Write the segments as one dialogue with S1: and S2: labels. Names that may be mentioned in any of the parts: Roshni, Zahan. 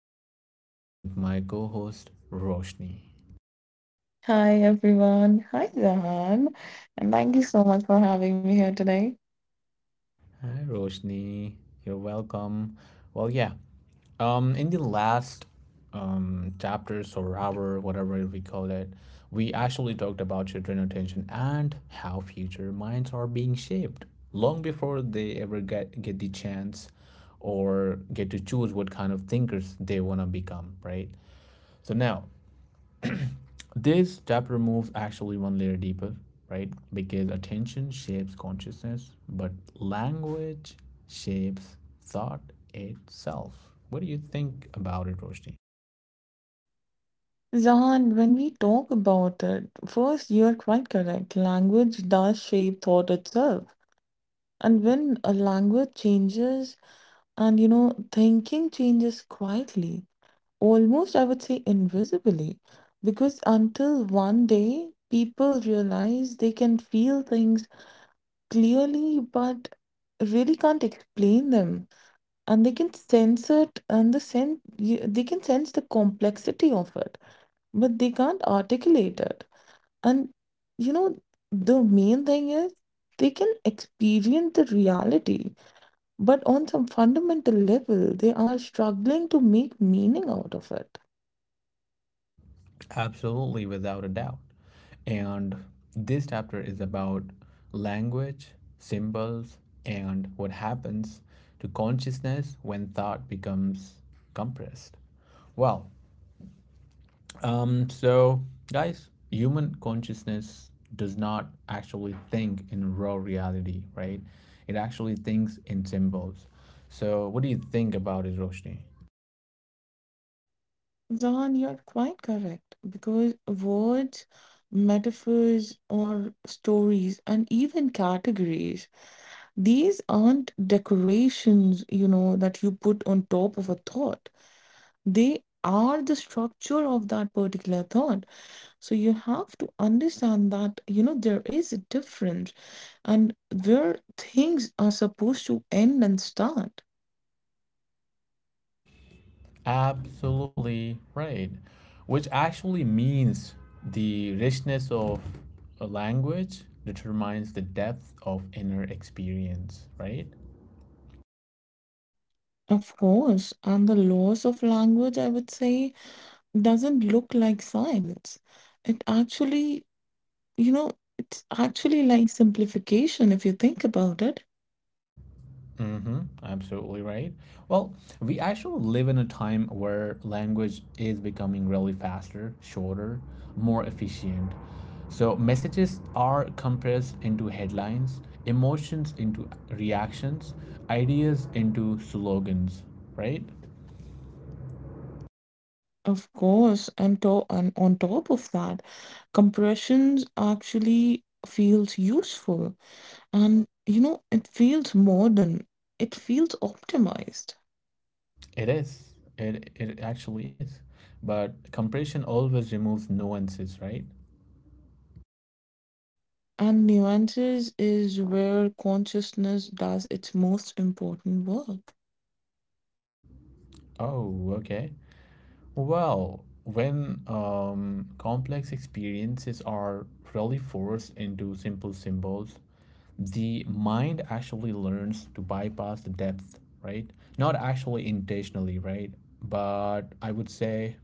S1: here again with my co host Roshni.
S2: Hi everyone. Hi Zahan. And thank you so much for having me here today.
S1: Hi, Roshni. You're welcome. Well, yeah. In the last chapters or hour, whatever we call it, we actually talked about children attention and how future minds are being shaped long before they ever get the chance or get to choose what kind of thinkers they want to become, right? So now this step removes actually one layer deeper, right? Because attention shapes consciousness, but language shapes thought itself. What do you think about it, Roshni?
S2: Zahan, when we talk about it, first you're quite correct. Language does shape thought itself. And when a language changes and thinking changes quietly, almost I would say invisibly. Because until one day people realize they can feel things clearly but really can't explain them. And they can sense it, and they can sense the complexity of it, but they can't articulate it. And you know the main thing is they can experience the reality, but on some fundamental level they are struggling to make meaning out of it.
S1: Absolutely, without a doubt. And this chapter is about language, symbols, and what happens to consciousness when thought becomes compressed. Well, Um, so, guys, human consciousness does not actually think in raw reality, right? It actually thinks in symbols. So, what do you think about it, Roshni?
S2: Zahan, you're quite correct because words, metaphors, or stories, and even categories. These aren't decorations that you put on top of a thought. They are the structure of that particular thought. So you have to understand that there is a difference and where things are supposed to end and start.
S1: Absolutely right. Which actually means the richness of a language determines the depth of inner experience, right?
S2: Of course, and the laws of language, I would say, doesn't look like silence. It actually, you know, it's actually like simplification if you think about it.
S1: Mm-hmm, absolutely right. Well, we actually live in a time where language is becoming really faster, shorter, more efficient. So messages are compressed into headlines, emotions into reactions, ideas into slogans, right?
S2: Of course, and on top of that, compressions actually feels useful, and it feels modern, it feels optimized.
S1: It is. It actually is. But compression always removes nuances, right?
S2: And nuances is where consciousness does its most important work.
S1: Oh, okay. Well, when complex experiences are really forced into simple symbols, the mind actually learns to bypass the depth, right? Not actually intentionally, right? But I would say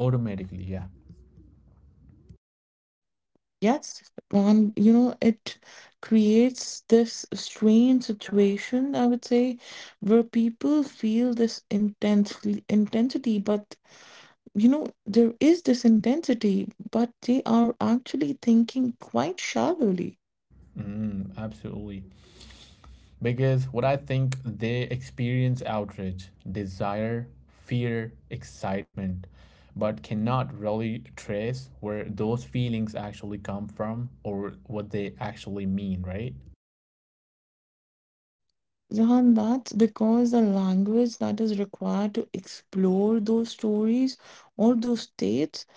S1: automatically, yeah.
S2: Yes, and it creates this strange situation, I would say, where people feel this intensely intensity, but there is this intensity, but they are actually thinking quite shallowly.
S1: Mm, absolutely. Because what I think they experience outrage, desire, fear, excitement, but cannot really trace where those feelings actually come from or what they actually mean, right?
S2: Jahan, that's because the language that is required to explore those stories or those states,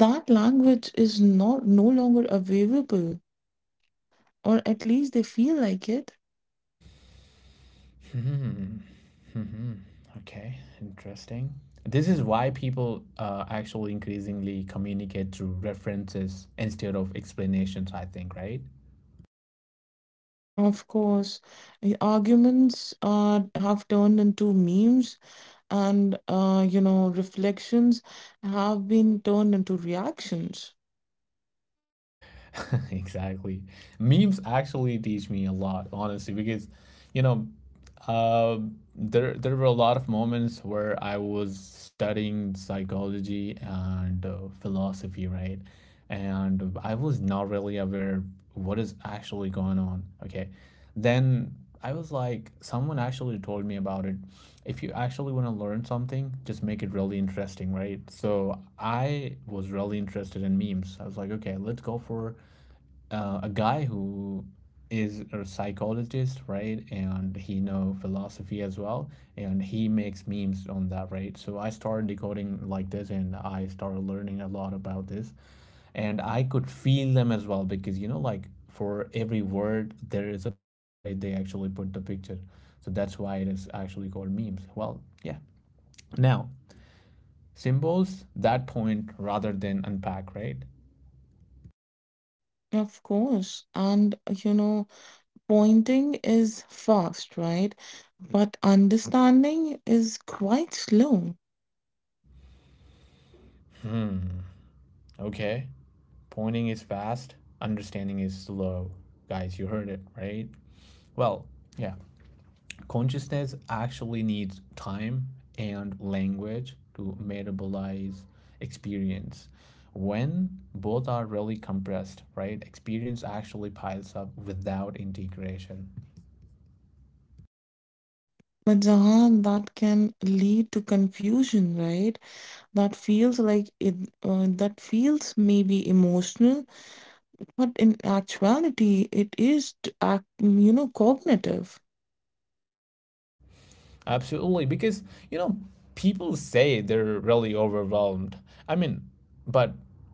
S2: that language is not no longer available, or at least they feel like it.
S1: Hmm. Hmm. Okay. Interesting. This is why people actually increasingly communicate through references instead of explanations, I think, right?
S2: Of course, the arguments have turned into memes, and reflections have been turned into reactions.
S1: Exactly. Memes actually teach me a lot, honestly, because you know, uh, there were a lot of moments where I was studying psychology and philosophy, right? And I was not really aware what is actually going on. Okay, then I was like, someone actually told me about it. If you actually want to learn something, just make it really interesting, right? So I was really interested in memes. I was like, okay, let's go for a guy who is a psychologist, right? And he know philosophy as well, and he makes memes on that, right? So I started decoding like this, and I started learning a lot about this, and I could feel them as well because you know, like for every word there is a picture, right? They actually put the picture, so that's why it is actually called memes. Well, yeah. Now symbols that point rather than unpack, right?
S2: Of course. And pointing is fast, right? But understanding is quite slow.
S1: Okay. Pointing is fast, understanding is slow. Guys, you heard it, right? Well, yeah. Consciousness actually needs time and language to metabolize experience. When both are really compressed, right? Experience actually piles up without integration.
S2: But Jahan, that can lead to confusion, right? That feels like it, that feels maybe emotional. But in actuality, it is, cognitive.
S1: Absolutely, because you know people say they're really overwhelmed. I mean, but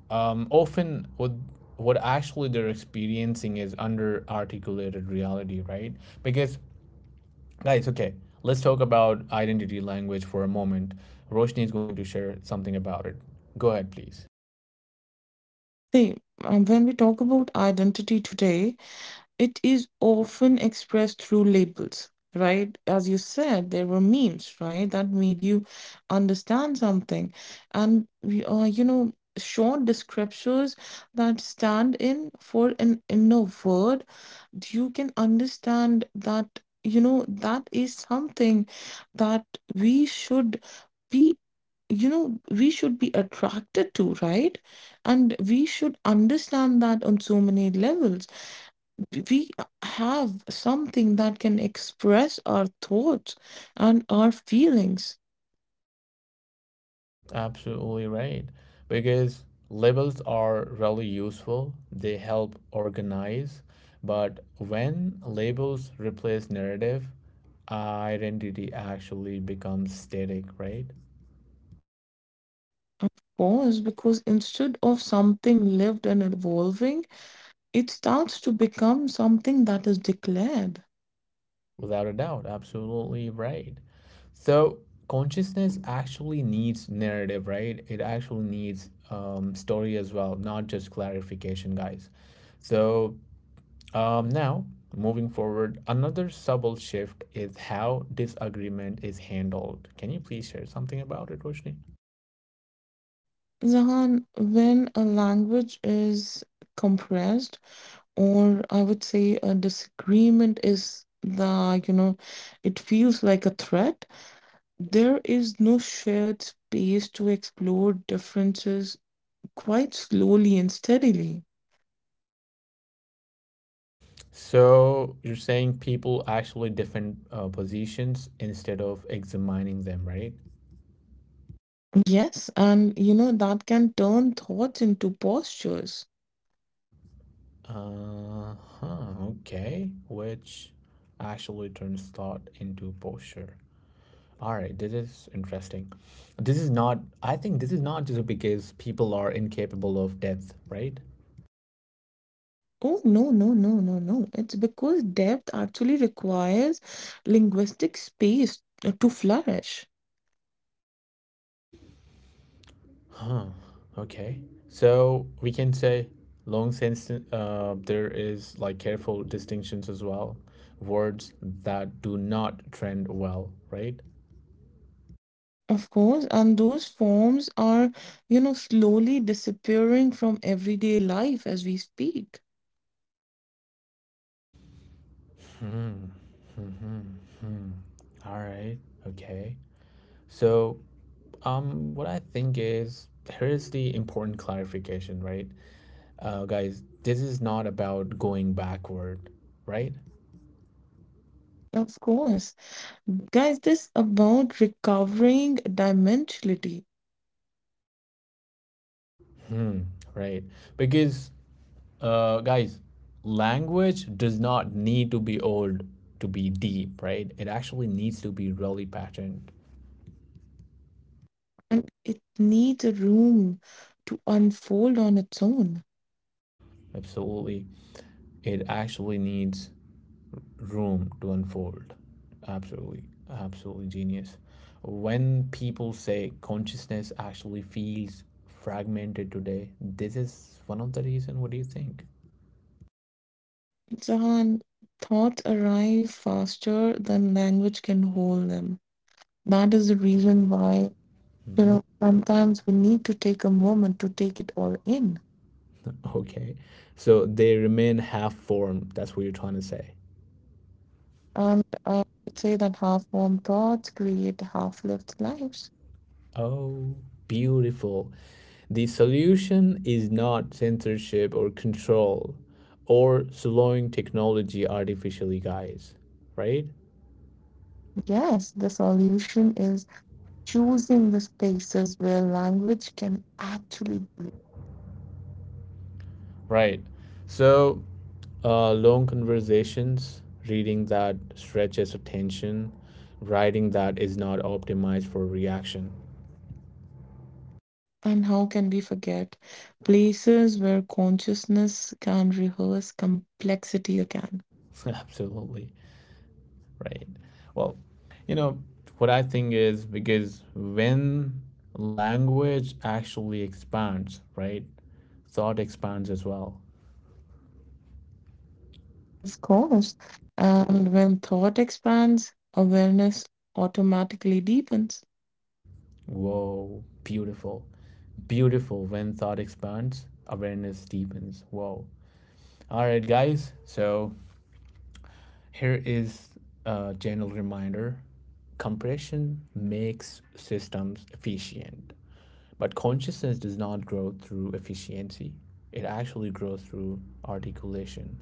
S1: often what actually they're experiencing is under articulated reality, right? Because guys, okay, let's talk about identity language for a moment. Roshni is going to share something about it. Go ahead, please.
S2: See, when we talk about identity today, it is often expressed through labels, right? As you said, there were memes, right, that made you understand something. And we are, short descriptors that stand in for an inner word. You can understand that, that is something that we should be we should be attracted to, right? And we should understand that on so many levels we have something that can express our thoughts and our feelings.
S1: Absolutely right. Because labels are really useful, they help organize. But when labels replace narrative, identity actually becomes static, right?
S2: Of course, because instead of something lived and evolving, it starts to become something that is declared.
S1: Without a doubt. Absolutely right. So consciousness actually needs narrative, right? It actually needs story as well, not just clarification, guys. So now, moving forward, another subtle shift is how disagreement is handled. Can you please share something about it, Roshni?
S2: Zahan, when a language is compressed, or I would say a disagreement is it feels like a threat. There is no shared space to explore differences quite slowly and steadily.
S1: So, you're saying people actually defend positions instead of examining them, right?
S2: Yes, and that can turn thoughts into postures.
S1: Uh huh, okay. Which actually turns thought into posture. All right, this is interesting. This is not, I think this is not just because people are incapable of depth, right?
S2: Oh, no, no, no, no, no. It's because depth actually requires linguistic space to flourish.
S1: Okay. So we can say long since there is like careful distinctions as well. Words that do not trend well, right?
S2: Of course, and those forms are slowly disappearing from everyday life as we speak.
S1: Hmm. All right. Okay. So what I think is here's the important clarification, right? Guys, this is not about going backward, right?
S2: Of course. Guys, this about recovering dimensionality
S1: Hmm, right. Because guys, language does not need to be old to be deep, right? It actually needs to be really patterned.
S2: and it needs a room to unfold on its own.
S1: Absolutely. It actually needs room to unfold. Absolutely. Absolutely genius. When people say consciousness actually feels fragmented today, this is one of the reason. What do you think?
S2: Jahan, thoughts arrive faster than language can hold them. That is the reason why
S1: Hmm.
S2: sometimes we need to take a moment to take it all in.
S1: Okay. So they remain half formed. That's what you're trying to say.
S2: And I would say that half formed thoughts create half lived lives.
S1: Oh, beautiful. The solution is not censorship or control or slowing technology artificially, guys. Right?
S2: Yes, the solution is choosing the spaces where language can actually.
S1: Right. So, long conversations, reading that stretches attention, writing that is not optimized for reaction.
S2: And how can we forget? Places where consciousness can rehearse complexity again.
S1: Absolutely. Right. Well, you know, what I think is because when language actually expands, right, thought expands as well.
S2: Of course. And when thought expands, awareness automatically deepens.
S1: Whoa, beautiful. Beautiful. When thought expands, awareness deepens. Whoa. All right, guys. So here is a general reminder compression makes systems efficient. But consciousness does not grow through efficiency. It actually grows through articulation,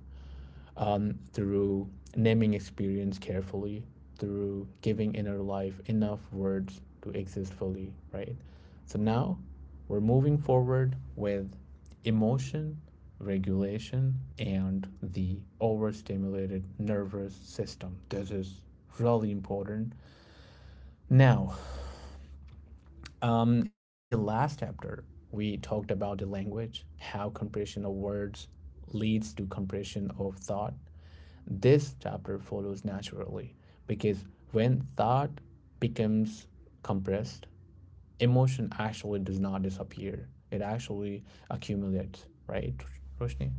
S1: through naming experience carefully, through giving inner life enough words to exist fully, right? So now we're moving forward with emotion, regulation, and the overstimulated nervous system. This is really important. Now, in the last chapter, we talked about the language, how compression of words leads to compression of thought. This chapter follows naturally because when thought becomes compressed, emotion actually does not disappear. It actually accumulates, right, Roshni?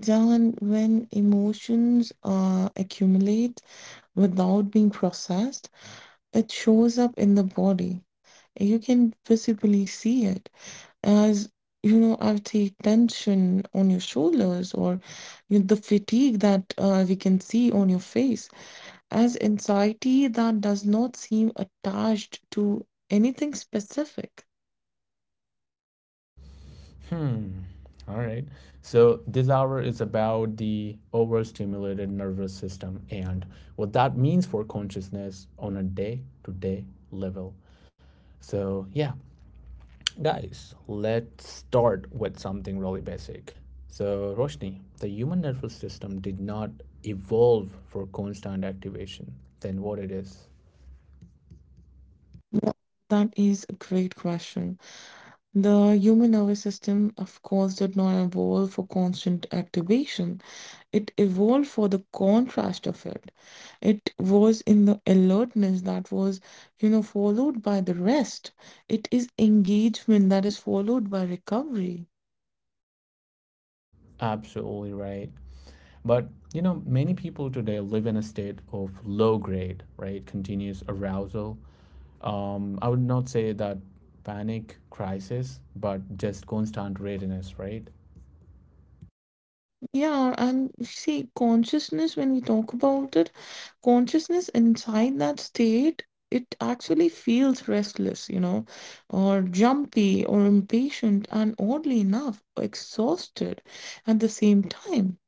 S2: John, when emotions accumulate without being processed, it shows up in the body. You can visibly see it. As I would say, tension on your shoulders, or you the fatigue that we can see on your face, as anxiety that does not seem attached to anything specific.
S1: Hmm. All right. So this hour is about the overstimulated nervous system and what that means for consciousness on a day to day level. So, yeah, guys, let's start with something really basic. So, Roshni, the human nervous system did not evolve for constant activation, then what it is.
S2: Th- that is a great question. The human nervous system, of course, did not evolve for constant activation. It evolved for the contrast of it. It was in the alertness that was followed by the rest. It is engagement that is followed by recovery.
S1: Absolutely right. But you know, many people today live in a state of low grade, right? Continuous arousal I would not say that panic crisis, but just constant readiness, right?
S2: Yeah, and see, consciousness, when we talk about it, consciousness inside that state, it actually feels restless or jumpy or impatient, and oddly enough, exhausted at the same time,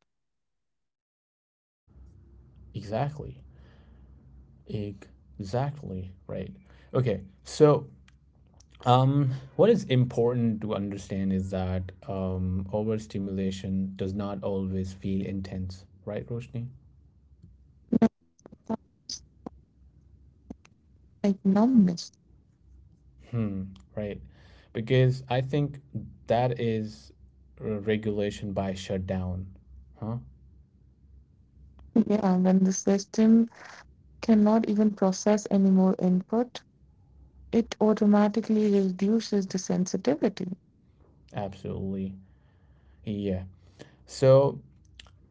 S1: Exactly. Exactly, right. Okay, so um, what is important to understand is that overstimulation does not always feel intense, right, Roshni?
S2: like numbness.
S1: Hmm, right. Because I think that is regulation by shutdown, huh?
S2: Yeah, when the system cannot even process any more input, it automatically reduces the sensitivity.
S1: Absolutely. Yeah. So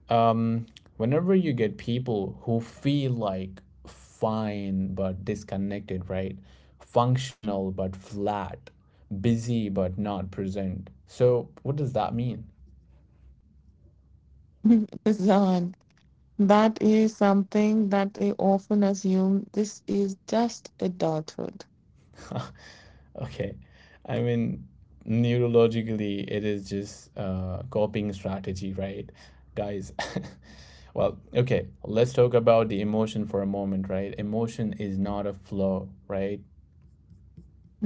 S1: Um, whenever you get people who feel like fine but disconnected, right? Functional but flat, busy but not present. So, what does that mean?
S2: Zan. That is something that they often assume this is just adulthood.
S1: Okay. I mean, neurologically, it is just a coping strategy, right? Guys, well, okay, let's talk about the emotion for a moment, right? Emotion is not a flow, right?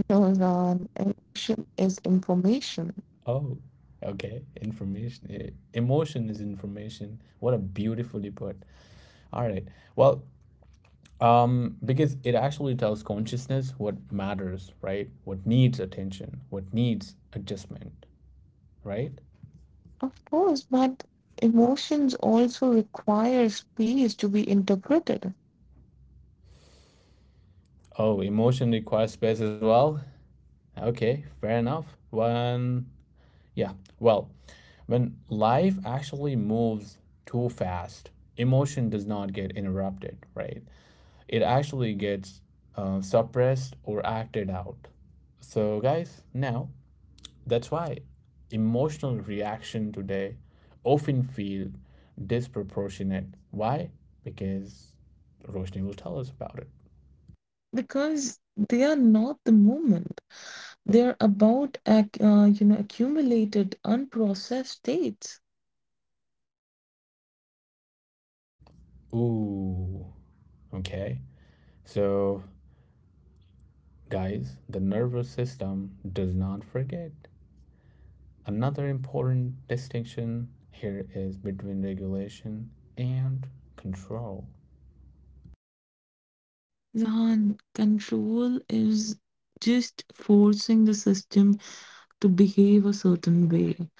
S2: No, Ron, emotion is information.
S1: Oh, okay. Information. Emotion is information. What a beautifully put. All right. Well, because it actually tells consciousness what matters, right? What needs attention, what needs adjustment, right?
S2: Of course, but emotions also require space to be interpreted,
S1: Oh, emotion requires space as well. Okay, fair enough. When, yeah, well, when life actually moves too fast, emotion does not get interrupted, right? It actually gets suppressed or acted out. So, guys, now that's why emotional reaction today often feel disproportionate. Why? Because Roshni will tell us about it.
S2: because they are not the moment. They're about accumulated, unprocessed states.
S1: Ooh, okay. So, guys, the nervous system does not forget. Another important distinction here is between regulation and control.
S2: Zahan, control is just forcing the system to behave a certain way.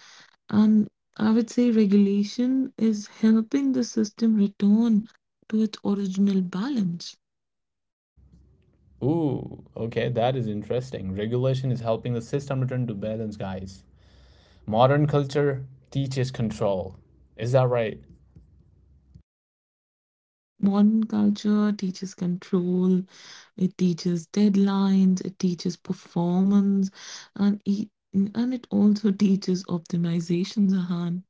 S2: And I would say regulation is helping the system return to its original balance.
S1: Ooh, okay, that is interesting. Regulation is helping the system return to balance, guys. Modern culture teaches control. Is that right?
S2: Modern culture teaches control, it teaches deadlines, it teaches performance, and it also teaches optimization, Zahan.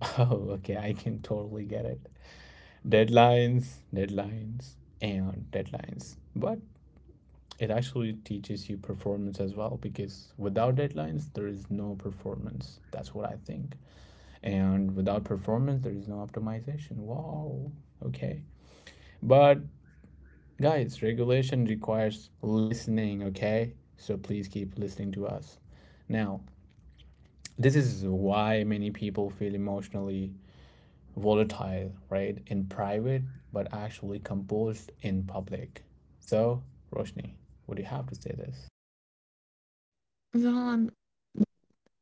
S1: Oh, okay, I can totally get it. Deadlines, deadlines, and deadlines. But it actually teaches you performance as well because without deadlines, there is no performance. That's what I think. And without performance, there is no optimization. Wow, okay. But guys, regulation requires listening, okay? So please keep listening to us. Now, this is why many people feel emotionally volatile, right? In private, but actually composed in public. So, Roshni, what do you have to say this?
S2: Zahan,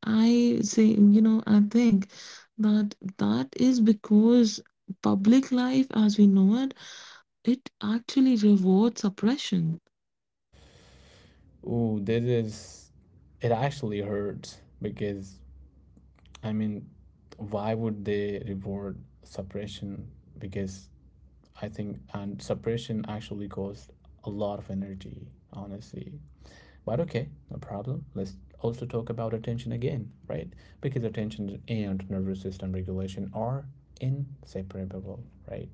S2: I say, I think that that is because public life as we know it, it actually rewards oppression.
S1: Ooh, this is it actually hurts because I mean, why would they reward suppression? Because I think, and suppression actually costs a lot of energy, honestly. But okay, no problem. Let's also talk about attention again, right? Because attention and nervous system regulation are inseparable, right?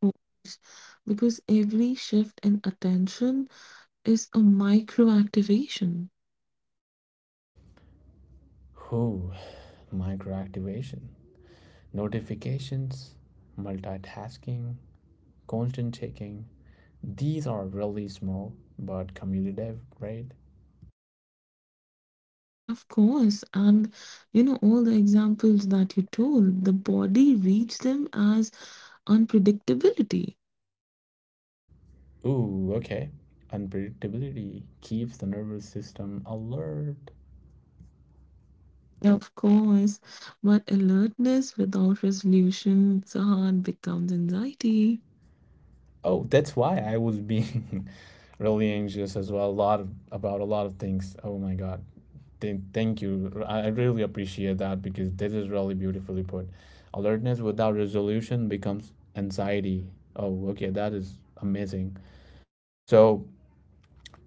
S2: Course, because every shift in attention is a micro activation.
S1: Who? Microactivation, notifications, multitasking, constant checking. These are really small but cumulative, right?
S2: Of course, and all the examples that you told, the body reads them as unpredictability.
S1: Ooh, okay. Unpredictability keeps the nervous system alert.
S2: Of course, but alertness without resolution, Sahan, becomes anxiety.
S1: Oh, that's why I was being really anxious as well. A lot of, about a lot of things. Oh my God. Thank, thank you. I really appreciate that because this is really beautifully put. Alertness without resolution becomes anxiety. Oh, okay. That is amazing. So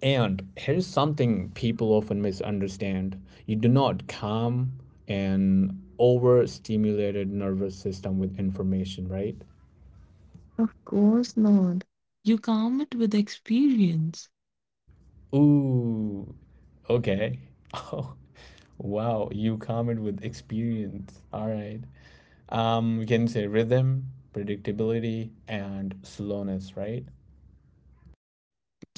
S1: and here's something people often misunderstand you do not calm an overstimulated nervous system with information, right?
S2: Of course not. You calm it with experience.
S1: Ooh, okay. Oh, wow. You calm it with experience. All right. We can say rhythm, predictability, and slowness, right?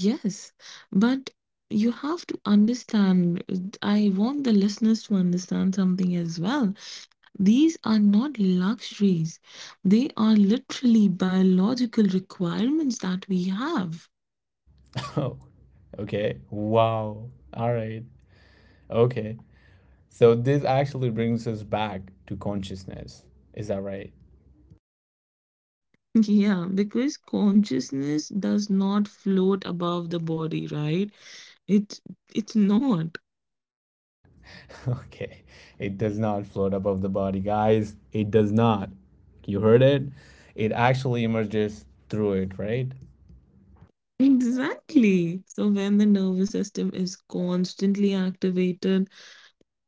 S2: Yes, but you have to understand. I want the listeners to understand something as well. These are not luxuries, they are literally biological requirements that we have.
S1: Oh, okay. Wow. All right. Okay. So this actually brings us back to consciousness. Is that right?
S2: Yeah, because consciousness does not float above the body, right? It it's not.
S1: Okay. It does not float above the body, guys. It does not. You heard it? It actually emerges through it, right?
S2: Exactly. So when the nervous system is constantly activated,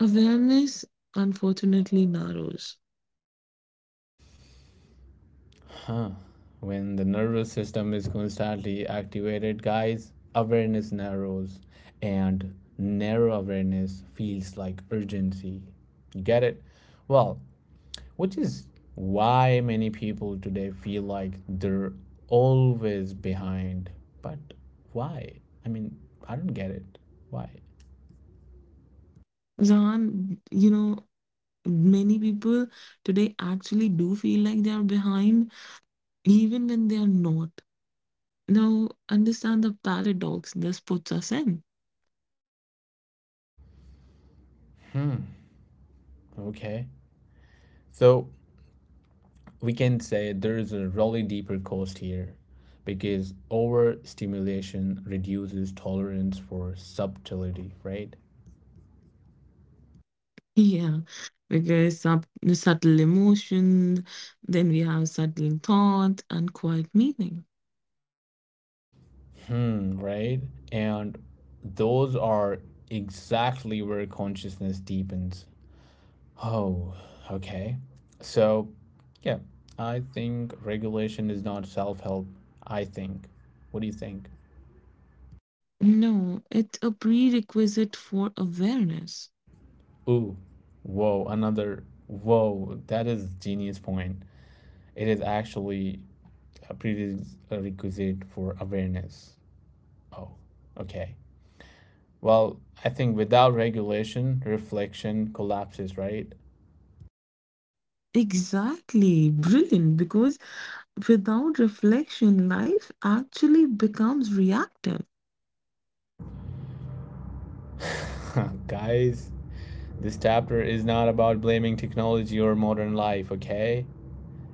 S2: awareness unfortunately narrows.
S1: When the nervous system is constantly activated, guys, awareness narrows and narrow awareness feels like urgency. You get it? Well, which is why many people today feel like they're always behind. But why? I mean, I don't get it. Why?
S2: Zan, many people today actually do feel like they are behind, even when they are not. Now, understand the paradox this puts us in.
S1: Okay. So we can say there is a really deeper cost here because overstimulation reduces tolerance for subtlety, right?
S2: Yeah, because subtle emotions, then we have subtle thought and quiet meaning.
S1: Right? And those are exactly where consciousness deepens. Oh, okay. So, yeah, I think regulation is not self help. I think. What do you think?
S2: No, it's a prerequisite for awareness.
S1: Ooh, whoa, another. Whoa, that is genius point. It is actually a prerequisite for awareness. Oh, okay. Well, I think without regulation, reflection collapses, right?
S2: Exactly, brilliant. Because without reflection, life actually becomes reactive.
S1: Guys, this chapter is not about blaming technology or modern life, okay?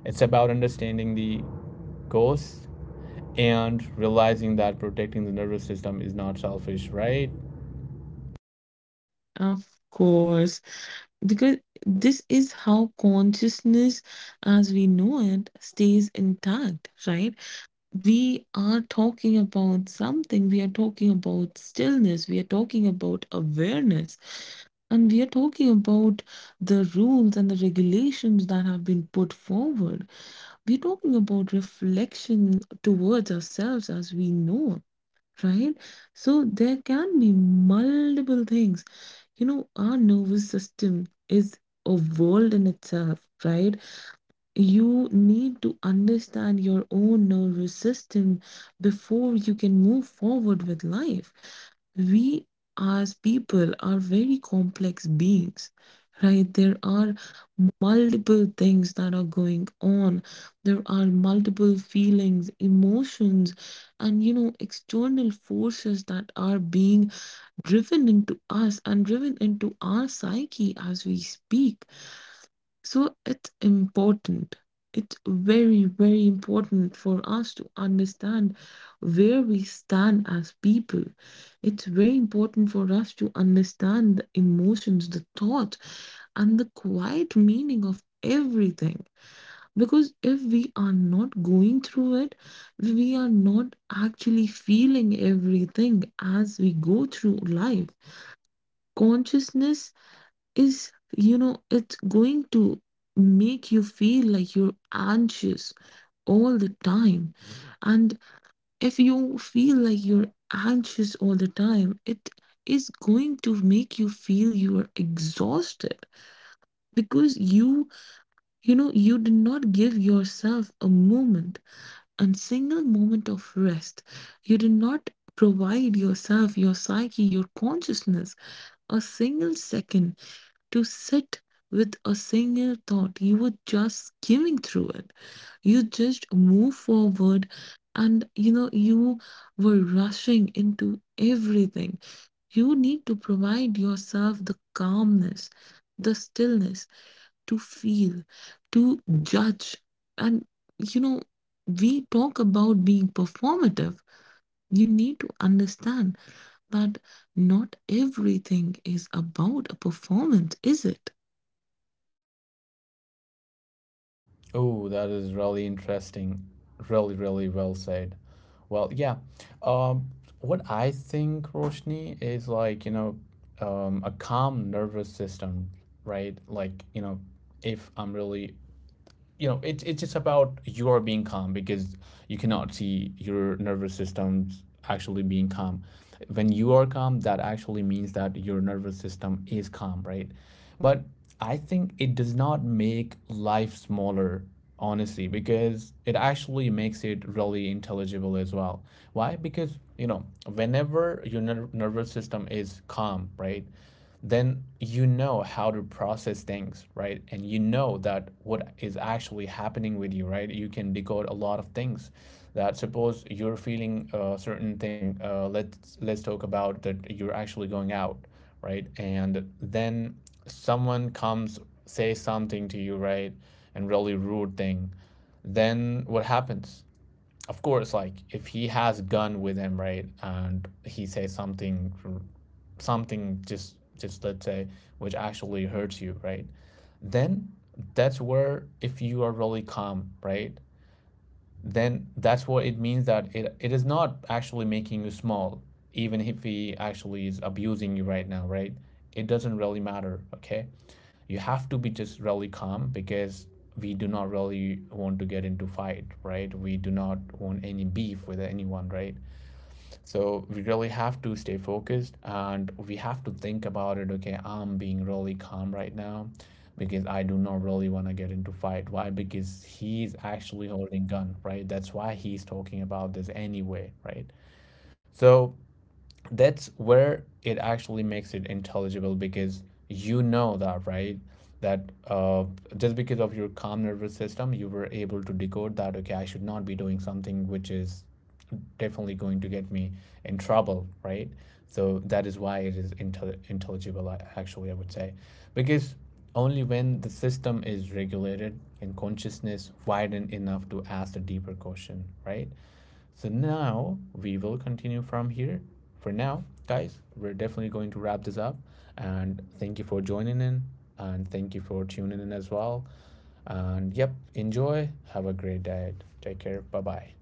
S1: It's about understanding the goals and realizing that protecting the nervous system is not selfish, right?
S2: Of course, because this is how consciousness as we know it stays intact, right? We are talking about something, we are talking about stillness, we are talking about awareness, and we are talking about the rules and the regulations that have been put forward. We're talking about reflection towards ourselves as we know, right? So there can be multiple things. You know, our nervous system is a world in itself, right? You need to understand your own nervous system before you can move forward with life. We as people are very complex beings, right? There are multiple things that are going on. There are multiple feelings, emotions, and external forces that are being driven into us and driven into our psyche as we speak. So it's important. It's very, very important for us to understand where we stand as people. It's very important for us to understand the emotions, the thought, and the quiet meaning of everything. Because if we are not going through it, we are not actually feeling everything as we go through life. Consciousness is you know it's going to make you feel like you're anxious all the time. And if you feel like you're anxious all the time, it is going to make you feel you are exhausted, because you did not give yourself a single moment of rest. You did not provide yourself, your psyche, your consciousness, a single second to sit with a single thought. You were just skimming through it. You just move forward, and you were rushing into everything. You need to provide yourself the calmness, the stillness to feel, to judge. And you know, we talk about being performative. You need to understand that not everything is about a performance, is it?
S1: Oh, that is really interesting. Really, really well said. Well, yeah. Um, what I think, Roshni, is like, a calm nervous system, right? Like, you know, if I'm really it's just about your being calm because you cannot see your nervous system's actually being calm. When you are calm, that actually means that your nervous system is calm, right? But I think it does not make life smaller, honestly, because it actually makes it really intelligible as well. Why? Because, you know, whenever your nervous system is calm, right, then you know how to process things, right? And you know that what is actually happening with you, right? You can decode a lot of things. That suppose you're feeling a certain thing. Let's talk about that you're actually going out, right? And then someone comes say something to you, right? And really rude thing. Then what happens? Of course, like if he has a gun with him, right, and he says something, something just let's say, which actually hurts you, right, then that's where if you are really calm, right, then that's what it means that it is not actually making you small, even if he actually is abusing you right now, right? It doesn't really matter, okay? You have to be just really calm because we do not really want to get into fight, right? We do not want any beef with anyone, right? So we really have to stay focused and we have to think about it. Okay, I'm being really calm right now because I do not really want to get into fight. Why? Because he's actually holding gun, right? That's why he's talking about this anyway, right? So that's where it actually makes it intelligible because you know that, right? That just because of your calm nervous system, you were able to decode that, okay, I should not be doing something which is definitely going to get me in trouble, right? So that is why it is intelligible, actually, I would say. Because only when the system is regulated and consciousness widened enough to ask a deeper question, right? So now we will continue from here. For now, guys, we're definitely going to wrap this up. And thank you for joining in. And thank you for tuning in as well. And yep, enjoy. Have a great day. Take care. Bye bye.